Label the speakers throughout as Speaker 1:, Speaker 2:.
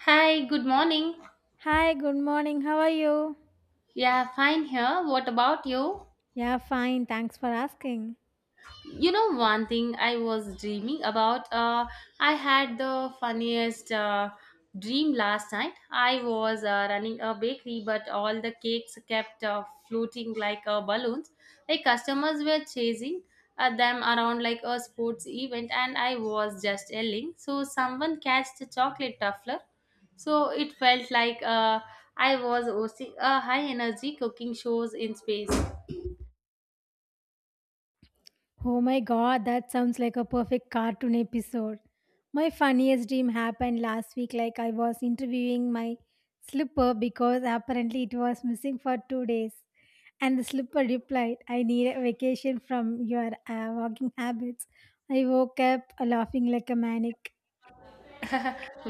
Speaker 1: Hi, good morning.
Speaker 2: Hi, good morning. How are you?
Speaker 1: Yeah, fine here. What about you?
Speaker 2: Yeah, fine. Thanks for asking.
Speaker 1: You know One thing I was dreaming about… I had the funniest dream last night. I was running a bakery, but all the cakes kept floating like balloons. Like customers were chasing them around like a sports event, and I was just yelling. So someone catched a chocolate tuffler. So it felt like I was hosting a high energy cooking shows in space.
Speaker 2: Oh my god, that sounds like a perfect cartoon episode. My funniest dream happened last week, like I was interviewing my slipper because apparently it was missing for 2 days. And the slipper replied, "I need a vacation from your walking habits." I woke up laughing like a maniac.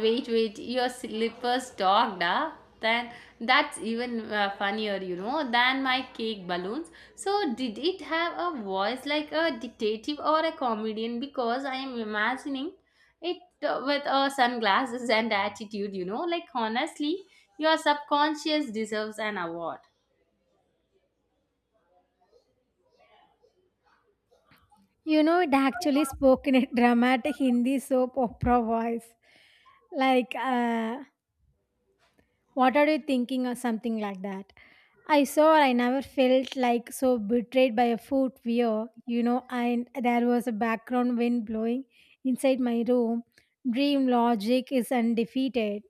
Speaker 1: Wait, your slippers dogged, ah. Then that's even funnier, than my cake balloons. So did it have a voice like a detective or a comedian? Because I am imagining it with sunglasses and attitude, like honestly your subconscious deserves an award.
Speaker 2: You know, it actually spoke in a dramatic Hindi soap opera voice like what are you thinking or something like that. I saw, I never felt like so betrayed by a footwear, you know, and there was a background wind blowing inside my room. Dream logic is undefeated.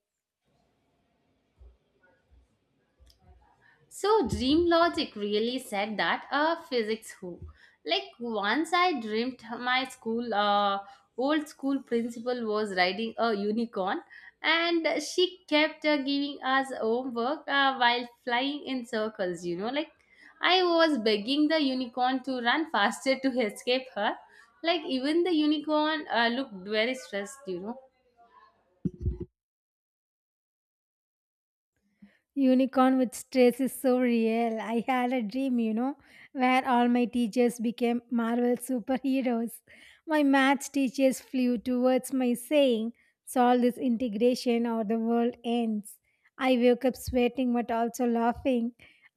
Speaker 1: So dream logic really said that, physics, who? Like once I dreamt my school old school principal was riding a unicorn, and she kept giving us homework while flying in circles, you know. Like I was begging the unicorn to run faster to escape her. Like even the unicorn looked very stressed, you know.
Speaker 2: Unicorn with stress is so real. I had a dream, you know, where all my teachers became Marvel superheroes. My maths teachers flew towards my saying, solve this integration or the world ends. I woke up sweating but also laughing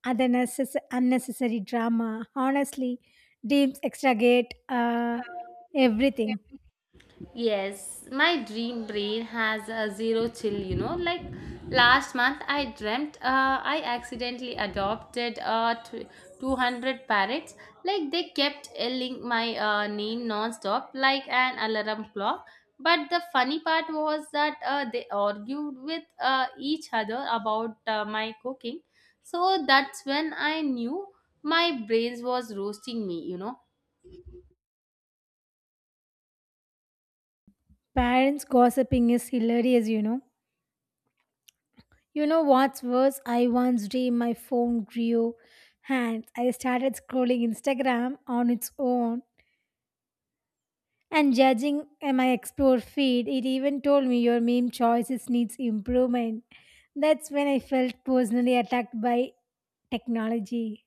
Speaker 2: at the unnecessary drama. Honestly, dreams extragate everything.
Speaker 1: Yes, my dream brain has a zero chill, you know. Like last month, I dreamt I accidentally adopted 200 parrots. Like they kept yelling my name non-stop, like an alarm clock. But the funny part was that they argued with each other about my cooking. So that's when I knew my brains was roasting me, you know.
Speaker 2: Parents gossiping is hilarious, you know. You know what's worse? I once dreamed my phone grew hands. I started scrolling Instagram on its own and judging my explore feed. It even told me your meme choices needs improvement. That's when I felt personally attacked by technology.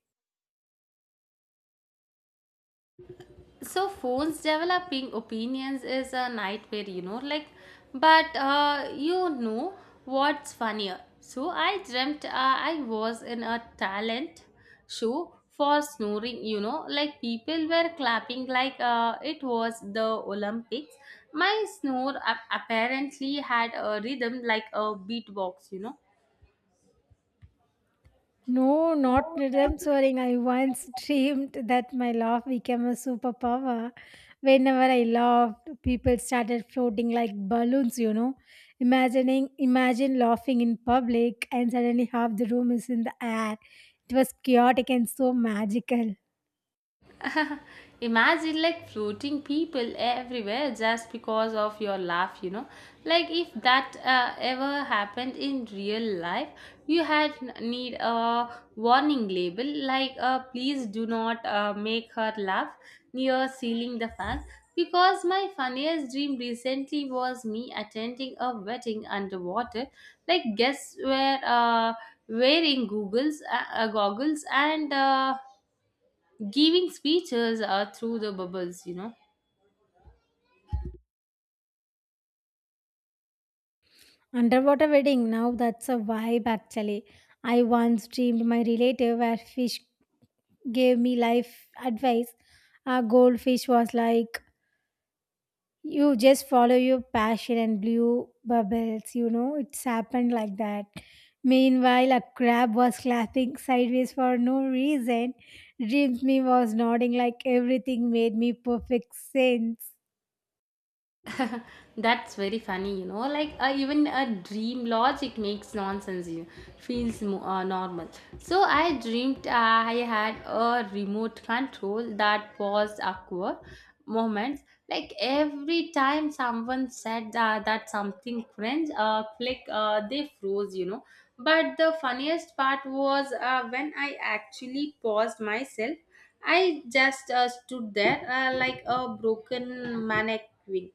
Speaker 1: So phones developing opinions is a nightmare, you know. Like but what's funnier, so I dreamt I was in a talent show for snoring, you know. Like people were clapping like it was the Olympics. My snore apparently had a rhythm like a beatbox, you know.
Speaker 2: No, not rhythm soaring. I once dreamed that my laugh became a superpower. Whenever I laughed, people started floating like balloons, you know. Imagining Imagine laughing in public and suddenly half the room is in the air. It was chaotic and so magical.
Speaker 1: Imagine like floating people everywhere just because of your laugh, you know. Like if that ever happened in real life, you had need a warning label like please do not make her laugh near sealing the fan. Because my funniest dream recently was me attending a wedding underwater. Like guests were wearing googles, goggles and giving speeches are through the bubbles, you know.
Speaker 2: Underwater wedding, now that's a vibe actually. I once dreamed my relative where fish gave me life advice. A goldfish was like, you just follow your passion, and blew bubbles, you know. It's happened like that. Meanwhile, a crab was laughing sideways for no reason. Dreams me was nodding like everything made me perfect sense.
Speaker 1: That's very funny, you know. Like even a dream logic makes nonsense. You feels normal. So I dreamed I had a remote control that paused awkward moments. Like every time someone said that something cringe, click, they froze. You know. But the funniest part was when I actually paused myself. I just stood there like a broken mannequin.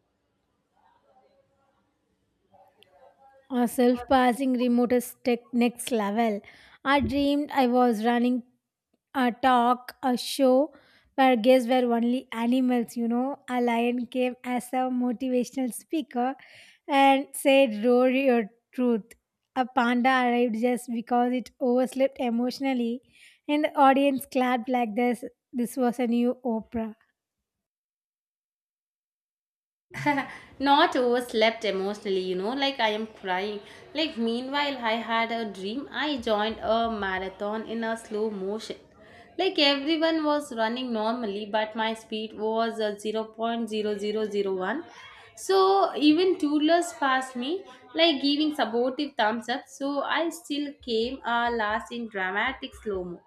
Speaker 2: A self-passing remote is tech next level. I dreamed I was running a talk, a show where guests were only animals, you know. A lion came as a motivational speaker and said, roar your truth. A panda arrived just because it overslept emotionally, and the audience clapped like this. This was a new Oprah.
Speaker 1: Not overslept emotionally, you know, like I am crying. Like, meanwhile, I had a dream. I joined a marathon in a slow motion. Like, everyone was running normally, but my speed was 0.0000 0.0001. So, even toddlers passed me, like giving supportive thumbs up. So, I still came last in dramatic slow mo.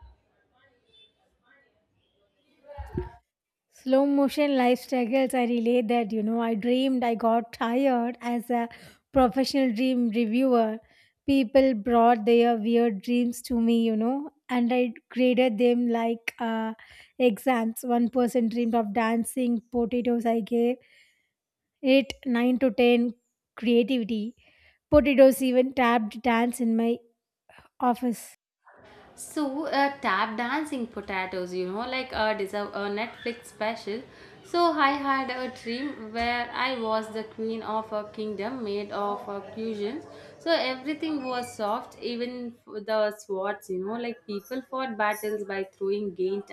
Speaker 2: Slow motion life struggles, I relate that, you know. I dreamed I got tired as a professional dream reviewer. People brought their weird dreams to me, you know, and I graded them like exams. One person dreamed of dancing, potatoes, I gave it 9 to 10 creativity. Potatoes even tapped dance in my office.
Speaker 1: So, tap dancing potatoes, you know, like it is a Netflix special. So, I had a dream where I was the queen of a kingdom made of cushions. So, everything was soft, even the swords, you know, like people fought battles by throwing gained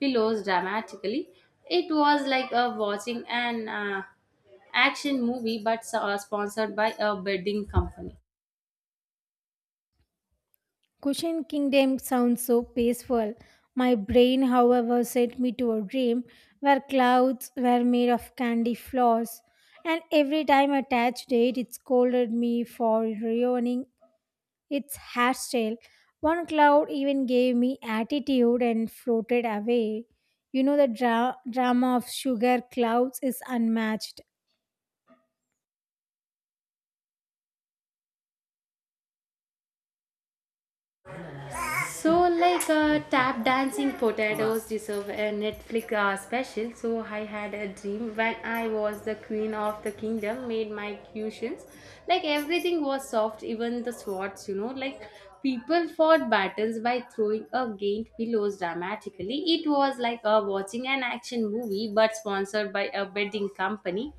Speaker 1: pillows dramatically. It was like watching an action movie, but sponsored by a bedding company.
Speaker 2: Cushion Kingdom sounds so peaceful. My brain, however, sent me to a dream where clouds were made of candy floss, and every time I touched it, it scolded me for ruining its hairstyle. One cloud even gave me attitude and floated away. You know, the drama of sugar clouds is unmatched.
Speaker 1: So, like tap dancing potatoes deserve a Netflix special. So, I had a dream when I was the queen of the kingdom, made my cushions. Like, everything was soft, even the swords, you know. Like, people fought battles by throwing against pillows dramatically. It was like watching an action movie but sponsored by a betting company.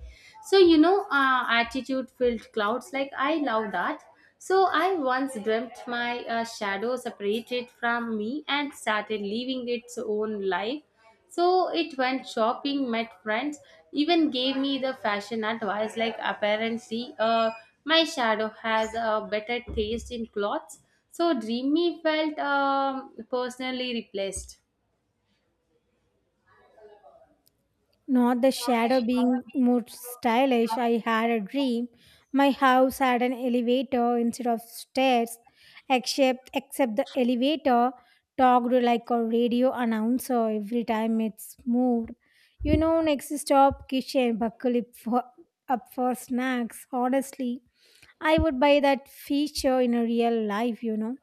Speaker 1: So, you know, attitude filled clouds. Like, I love that. So I once dreamt my shadow separated from me and started living its own life. So it went shopping, met friends, even gave me the fashion advice like apparently my shadow has a better taste in clothes. So dreamy felt personally replaced.
Speaker 2: Not the shadow being more stylish. I had a dream. My house had an elevator instead of stairs, except the elevator talked like a radio announcer every time it's moved. You know, next stop kitchen, buckle up up for snacks. Honestly, I would buy that feature in a real life, you know.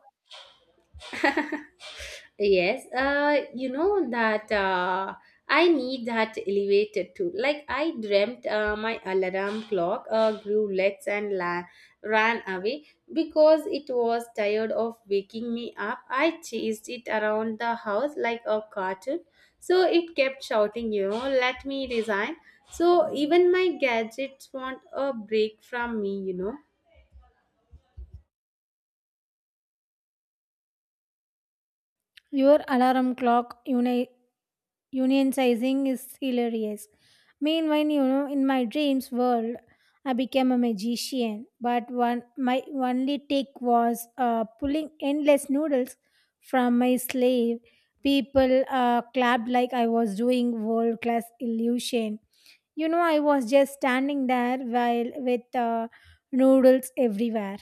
Speaker 1: Yes, that I need that elevator too. Like I dreamt, my alarm clock grew legs and ran away because it was tired of waking me up. I chased it around the house like a cartoon, so it kept shouting, "You know, let me resign." So even my gadgets want a break from me. You know.
Speaker 2: Your alarm clock, you know, unionizing is hilarious. Meanwhile, you know, in my dreams world, I became a magician, but one my only take was pulling endless noodles from my sleeve. People clapped like I was doing world class illusion. You know, I was just standing there while with noodles everywhere.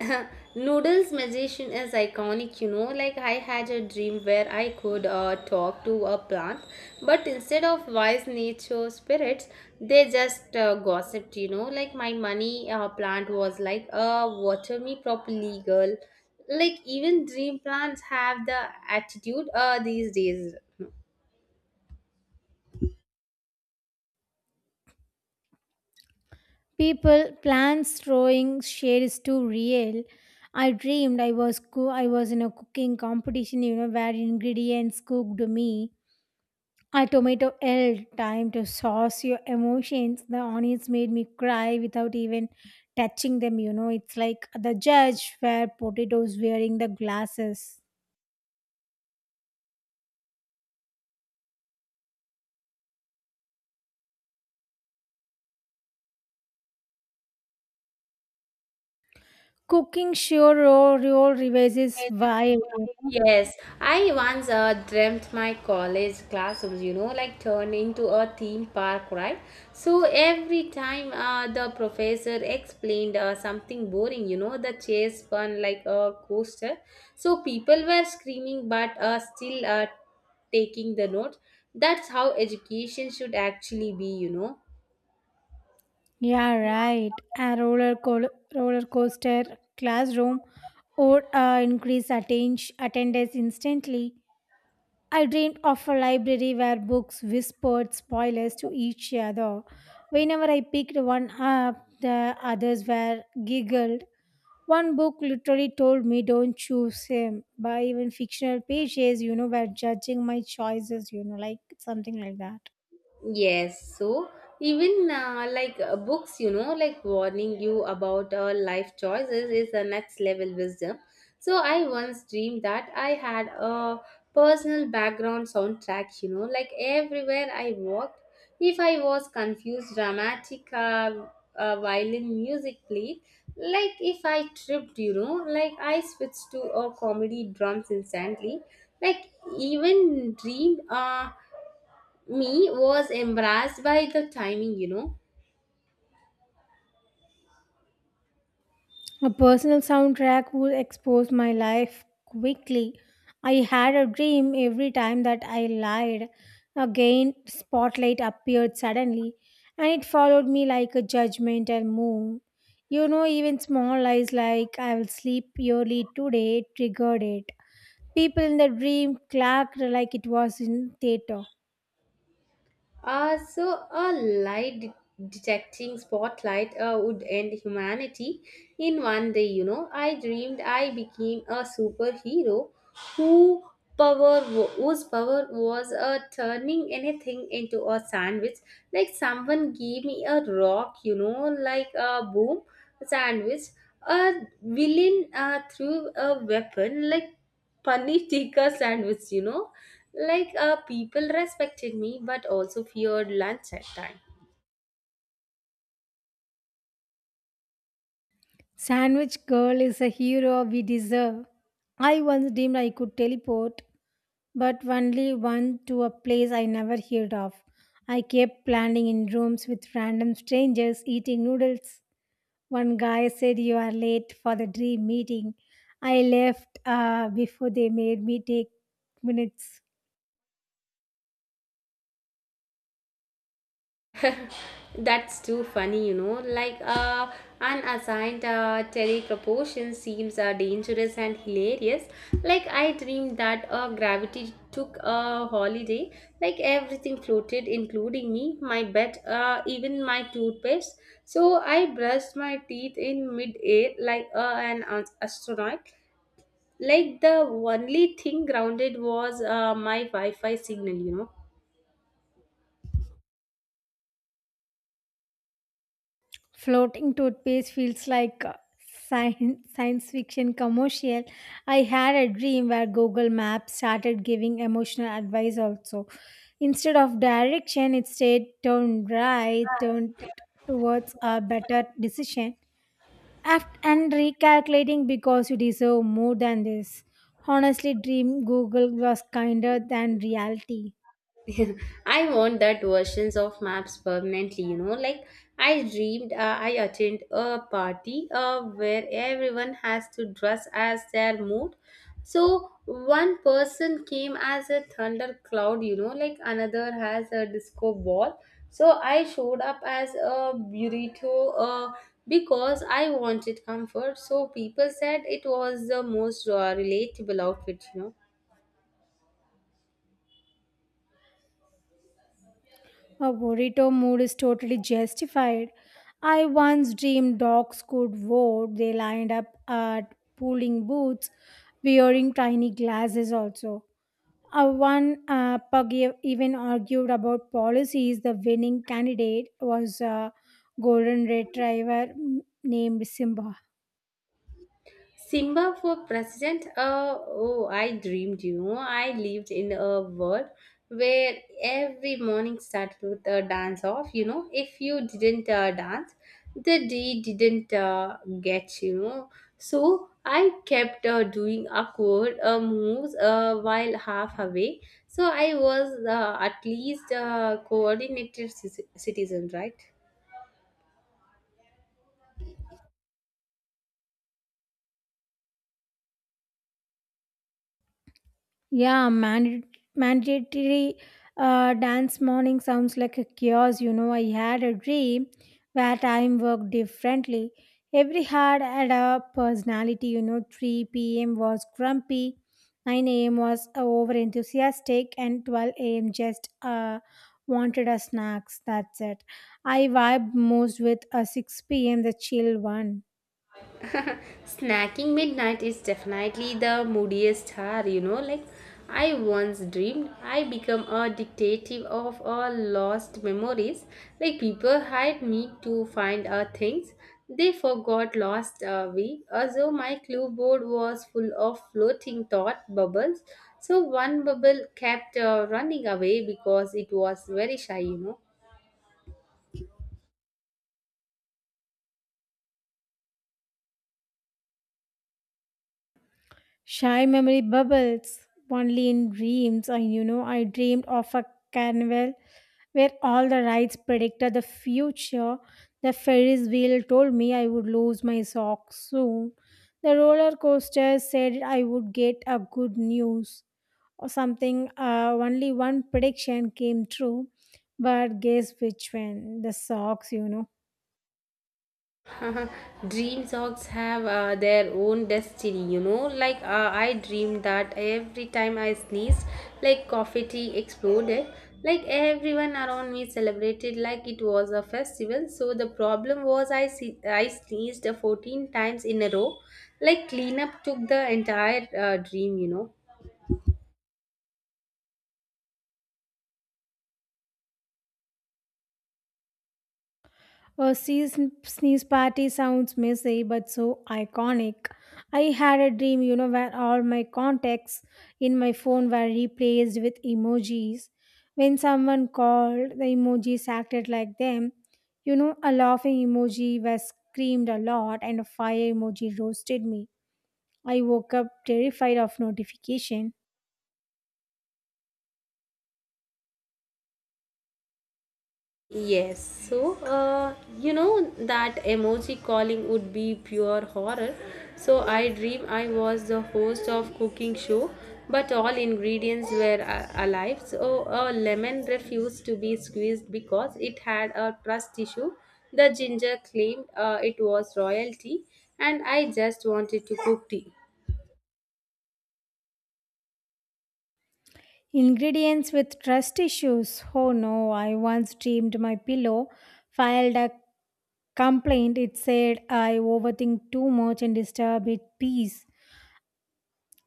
Speaker 1: Noodles magician is iconic, you know. Like I had a dream where I could talk to a plant, but instead of wise nature spirits, they just gossiped, you know. Like my money plant was like, water me properly, girl. Like even dream plants have the attitude these days.
Speaker 2: People, plants throwing shade is too real. I dreamed I was in a cooking competition, you know, where ingredients cooked me. A tomato held time to sauce your emotions. The onions made me cry without even touching them, you know. It's like the judge where potatoes wearing the glasses. Cooking show role revises
Speaker 1: Where this
Speaker 2: wild.
Speaker 1: vibe… Yes, I once dreamt my college classrooms, you know, like turned into a theme park, right? So every time the professor explained something boring, you know, the chair spun like a coaster. So people were screaming, but still taking the note. That's how education should actually be, you know.
Speaker 2: Yeah, right. A roller coaster classroom would increase attendance instantly. I dreamed of a library where books whispered spoilers to each other. Whenever I picked one up, the others were giggled. One book literally told me, "Don't choose him." But even fictional pages, you know, were judging my choices, you know, like something like that.
Speaker 1: Yes, so even like books, you know, like warning you about our life choices is the next level wisdom. So I once dreamed that I had a personal background soundtrack, you know, like everywhere I walked. If I was confused, dramatic violin music played. Like if I tripped, you know, like I switched to a comedy drums instantly. Like even dreamed. Me was embarrassed by the timing, you know.
Speaker 2: A personal soundtrack would expose my life quickly. I had a dream every time that I lied. Again, spotlight appeared suddenly, and it followed me like a judgmental moon. You know, even small lies like I will sleep early today triggered it. People in the dream clacked like it was in theater.
Speaker 1: So a light detecting spotlight would end humanity in 1 day, you know. I dreamed I became a superhero who whose power was turning anything into a sandwich. Like someone gave me a rock, you know, like a boom, sandwich. A villain threw a weapon like paneer tikka sandwich, you know. Like people respected me but also feared lunch at time.
Speaker 2: Sandwich Girl is a hero we deserve. I once dreamed I could teleport but only one to a place I never heard of. I kept planning in rooms with random strangers eating noodles. One guy said, you are late for the dream meeting. I left before they made me take minutes.
Speaker 1: That's too funny, you know. Like unassigned terry proportion seems dangerous and hilarious. Like I dreamed that gravity took a holiday. Like everything floated, including me, my bed, even my toothpaste. So I brushed my teeth in mid-air like an astronaut. Like the only thing grounded was my Wi Fi signal, you know.
Speaker 2: Floating toothpaste feels like a science fiction commercial. I had a dream where Google Maps started giving emotional advice also. Instead of direction, it said turn right, turn towards a better decision. And recalculating because you deserve more than this. Honestly, dream Google was kinder than reality.
Speaker 1: I want that versions of maps permanently, you know. Like I dreamed, I attend a party where everyone has to dress as their mood. So one person came as a thundercloud, you know, like another has a disco ball. So I showed up as a burrito because I wanted comfort. So people said it was the most relatable outfit, you know.
Speaker 2: Her burrito mood is totally justified. I once dreamed dogs could vote. They lined up at polling booths wearing tiny glasses also. One pug even argued about policies. The winning candidate was a golden retriever named Simba.
Speaker 1: Simba for president? Oh, I dreamed, you know. I lived in a world where every morning started with a dance off, you know. If you didn't dance, the day didn't get, you know. So I kept doing awkward moves while half away. So I was at least a coordinated citizen, right?
Speaker 2: Yeah, mandatory dance morning sounds like a chaos. You know, I had a dream where time worked differently. Every hour had a personality. You know, 3 p.m. was grumpy, 9 a.m. was over enthusiastic, and 12 a.m. just wanted a snacks. That's it. I vibe most with a 6 p.m. the chill one.
Speaker 1: Snacking midnight is definitely the moodiest hour, you know. Like, I once dreamed I become a detective of all lost memories. Like, people hired me to find things they forgot lost away. Week. Also, my clue board was full of floating thought bubbles. So, one bubble kept running away because it was very shy, you know.
Speaker 2: Shy memory bubbles only in dreams. You know, I dreamed of a carnival where all the rides predicted the future. The Ferris wheel told me I would lose my socks soon. The roller coaster said I would get a good news or something. Only one prediction came true, but guess which one? The socks, you know.
Speaker 1: Dream socks have their own destiny, you know. Like I dreamed that every time I sneezed, like coffee tea exploded. Like everyone around me celebrated like it was a festival. So the problem was I sneezed 14 times in a row. Like cleanup took the entire dream, you know.
Speaker 2: A sneeze party sounds messy but so iconic. I had a dream, you know, where all my contacts in my phone were replaced with emojis. When someone called, the emojis acted like them. You know, a laughing emoji was screamed a lot and a fire emoji roasted me. I woke up terrified of notification.
Speaker 1: Yes, so that emoji calling would be pure horror. So I dream I was the host of cooking show, but all ingredients were alive. So a lemon refused to be squeezed because it had a trust issue. The ginger claimed it was royalty, and I just wanted to cook tea.
Speaker 2: Ingredients with trust issues. Oh no, I once dreamed my pillow filed a complaint. It said I overthink too much and disturb its peace.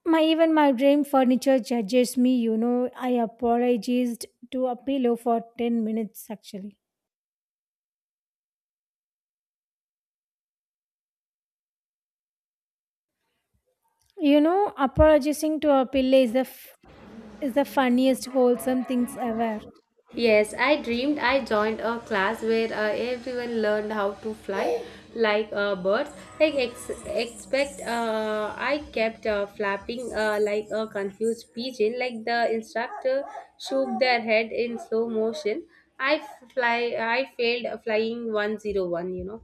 Speaker 2: My even my dream furniture judges me, you know. I apologized to a pillow for 10 minutes actually. You know, apologizing to a pillow is is the funniest wholesome things ever.
Speaker 1: Yes, I dreamed I joined a class where everyone learned how to fly like birds. Like expect, I kept flapping like a confused pigeon. Like the instructor shook their head in slow motion. I fly. I failed flying 101. You know.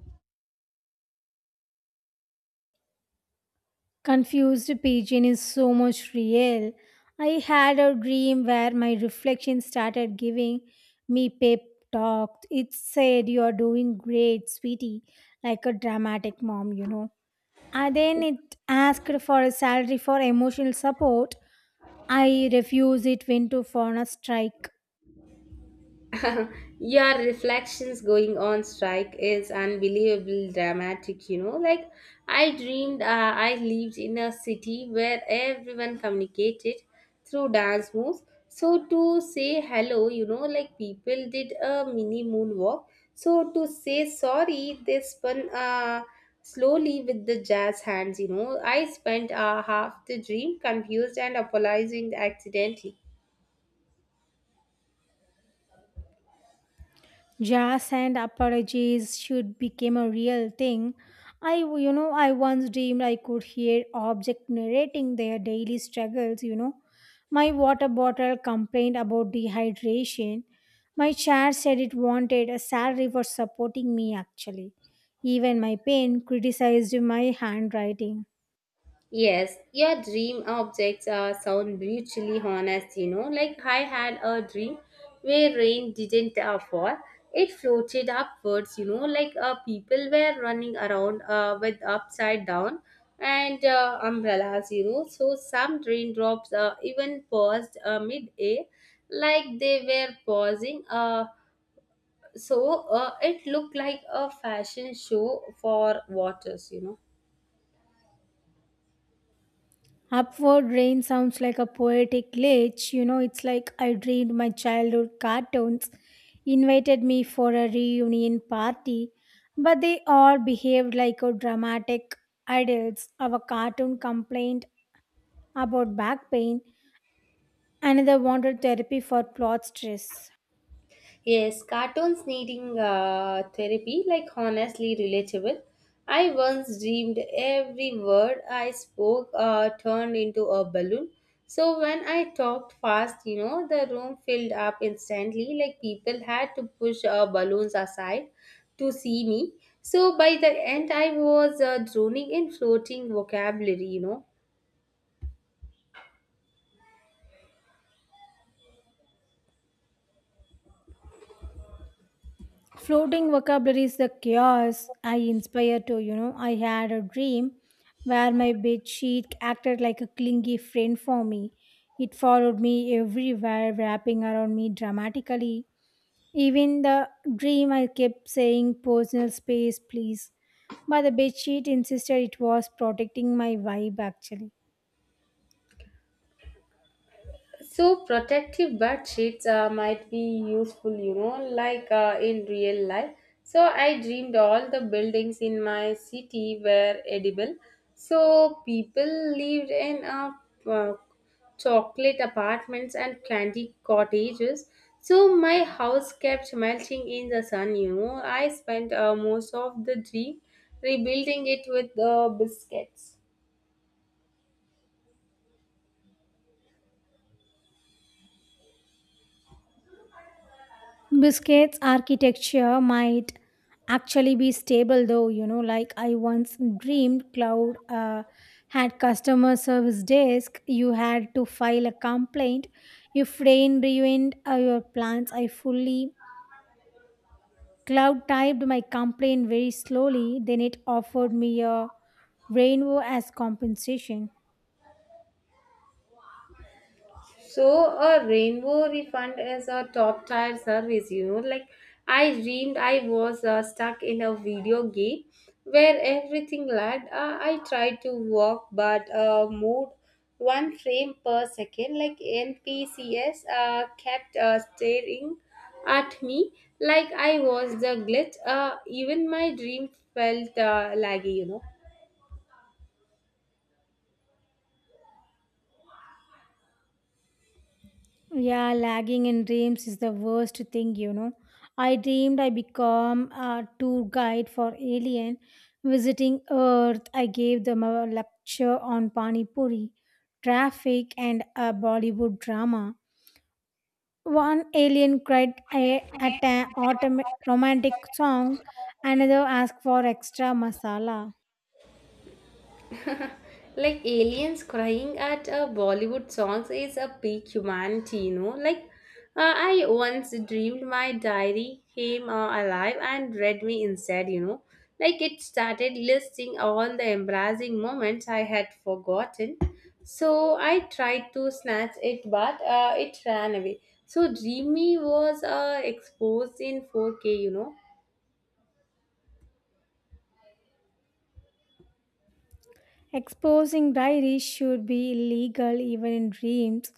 Speaker 2: Confused Pigeon is so much real. I had a dream where my reflection started giving me pep talk. It said, you are doing great, sweetie, like a dramatic mom, you know. And then it asked for a salary for emotional support. I refused, it went to for a strike.
Speaker 1: Yeah, reflections going on strike is unbelievable dramatic, you know. Like, I dreamed I lived in a city where everyone communicated through dance moves. So, to say hello, you know, like people did a mini moonwalk. So, to say sorry, they spun slowly with the jazz hands, you know. I spent half the dream confused and apologizing accidentally.
Speaker 2: Jazz and apologies should become a real thing. You know, I once dreamed I could hear objects narrating their daily struggles, you know. My water bottle complained about dehydration. My chair said it wanted a salary for supporting me, actually. Even my pen criticized my handwriting.
Speaker 1: Yes, your dream objects sound brutally honest, you know. Like I had a dream where rain didn't fall. It floated upwards, you know, like people were running around with upside down and umbrellas, you know. So some raindrops even paused mid-air, like they were pausing. So it looked like a fashion show for waters, you know.
Speaker 2: Upward Rain sounds like a poetic glitch. You know, it's like I dreamed my childhood cartoons invited me for a reunion party, but they all behaved like a dramatic adults. Our cartoon complained about back pain, another wanted therapy for plot stress.
Speaker 1: Yes, cartoons needing therapy, like honestly relatable. I once dreamed every word I spoke turned into a balloon. So when I talked fast, you know, the room filled up instantly, like people had to push balloons aside to see me. So by the end, I was drowning in floating vocabulary, you know.
Speaker 2: Floating vocabulary is the chaos I inspire to, you know. I had a dream where my bed sheet acted like a clingy friend for me. It followed me everywhere, wrapping around me dramatically. Even the dream I kept saying personal space, please. But the bedsheet insisted it was protecting my vibe actually.
Speaker 1: So protective bed sheets might be useful, you know, like in real life. So I dreamed all the buildings in my city were edible. So people lived in uh, chocolate apartments and candy cottages. So my house kept melting in the sun, you know. I spent most of the dream rebuilding it with the biscuits.
Speaker 2: Biscuits architecture might actually be stable though, you know, like I once dreamed cloud had customer service desk, you had to file a complaint if rain ruined your plans. I fully cloud typed my complaint very slowly, then it offered me a rainbow as compensation.
Speaker 1: So a rainbow refund is a top tier service, you know. Like I dreamed I was stuck in a video game where everything lagged. I tried to walk but moved one frame per second. Like NPCS kept staring at me like I was the glitch. Even my dream felt laggy, you know.
Speaker 2: Yeah, lagging in dreams is the worst thing, you know. I dreamed I become a tour guide for alien visiting Earth. I gave them a lecture on Pani Puri, traffic, and a Bollywood drama. One alien cried at an romantic song, another asked for extra masala.
Speaker 1: Like aliens crying at bollywood songs is a peak humanity, you know, like I once dreamed my diary came alive and read me instead, you know, like it started listing all the embarrassing moments I had forgotten. So I tried to snatch it, but it ran away. So dreamy was exposed in 4K, you know.
Speaker 2: Exposing diaries should be illegal even in dreams.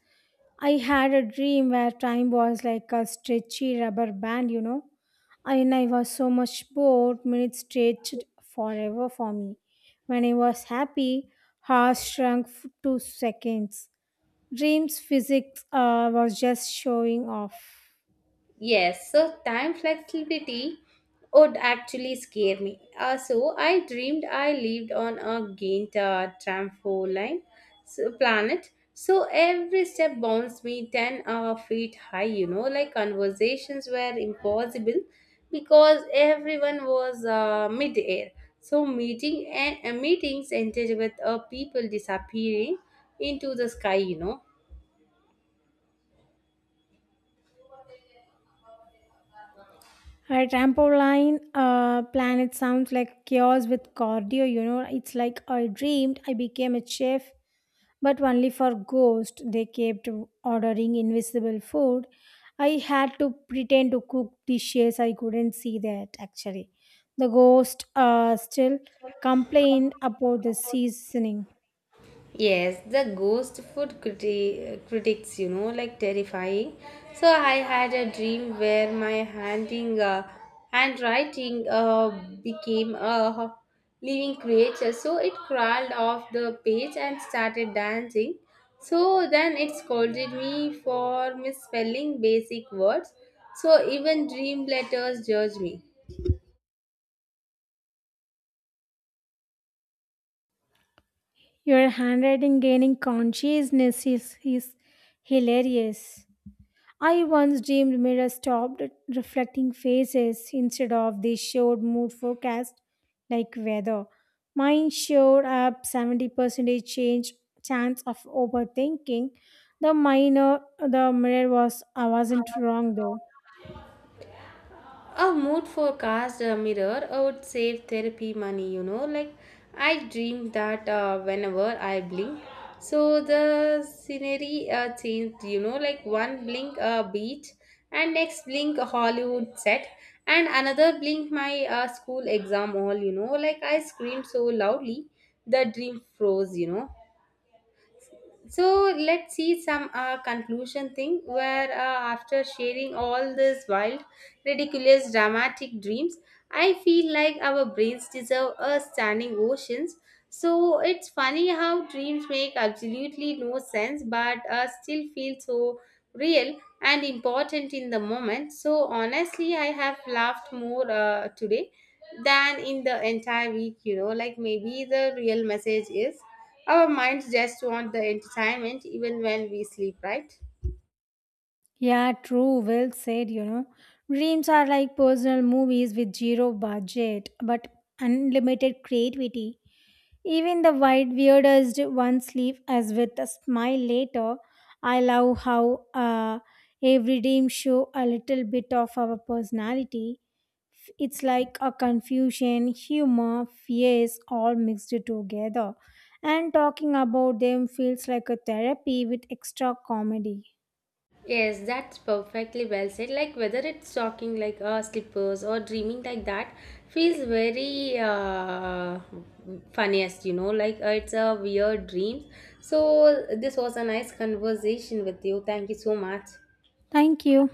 Speaker 2: I had a dream where time was like a stretchy rubber band, you know. And I was so much bored, minutes stretched forever for me. When I was happy, hours shrunk to seconds. Dreams physics was just showing off.
Speaker 1: Yes, so time flexibility would actually scare me. So I dreamed I lived on a gained trampoline so planet. So every step bounced me 10 feet high, you know, like conversations were impossible because everyone was mid-air. So meeting and meetings ended with people disappearing into the sky, you know.
Speaker 2: A trampoline planet sounds like chaos with cardio, you know. It's like I dreamed I became a chef, but only for ghosts. They kept ordering invisible food. I had to pretend to cook dishes. I couldn't see that actually. The ghost still complained about the seasoning.
Speaker 1: Yes, the ghost food critics, you know, like terrifying. So I had a dream where my handwriting became a living creature. So it crawled off the page and started dancing. So then it scolded me for misspelling basic words. So even dream letters judge me.
Speaker 2: Your handwriting gaining consciousness is hilarious. I once dreamed mirrors stopped reflecting faces instead of they showed mood forecast like weather. Mine showed up 70% change chance of overthinking. The minor the mirror was I wasn't wrong though.
Speaker 1: A mood forecast mirror would save therapy money, you know. Like, I dream that whenever I blink, so the scenery changed, you know, like one blink beach, and next blink a Hollywood set, and another blink my school exam hall, you know. Like, I screamed so loudly, the dream froze, you know. So let's see some conclusion thing where after sharing all these wild, ridiculous, dramatic dreams, I feel like our brains deserve a standing oceans. So it's funny how dreams make absolutely no sense but still feel so real and important in the moment. So honestly, I have laughed more today than in the entire week, you know, like maybe the real message is our minds just want the entertainment even when we sleep, right?
Speaker 2: Yeah, true, well said, you know. Dreams are like personal movies with zero budget but unlimited creativity. Even the white weirdest one sleeve as with a smile later. I love how every dream show a little bit of our personality. It's like a confusion, humor, fears all mixed together. And talking about them feels like a therapy with extra comedy.
Speaker 1: Yes, that's perfectly well said. Like whether it's talking like slippers or dreaming like that feels very funniest, you know, like it's a weird dream. So this was a nice conversation with you. Thank you so much.
Speaker 2: Thank you.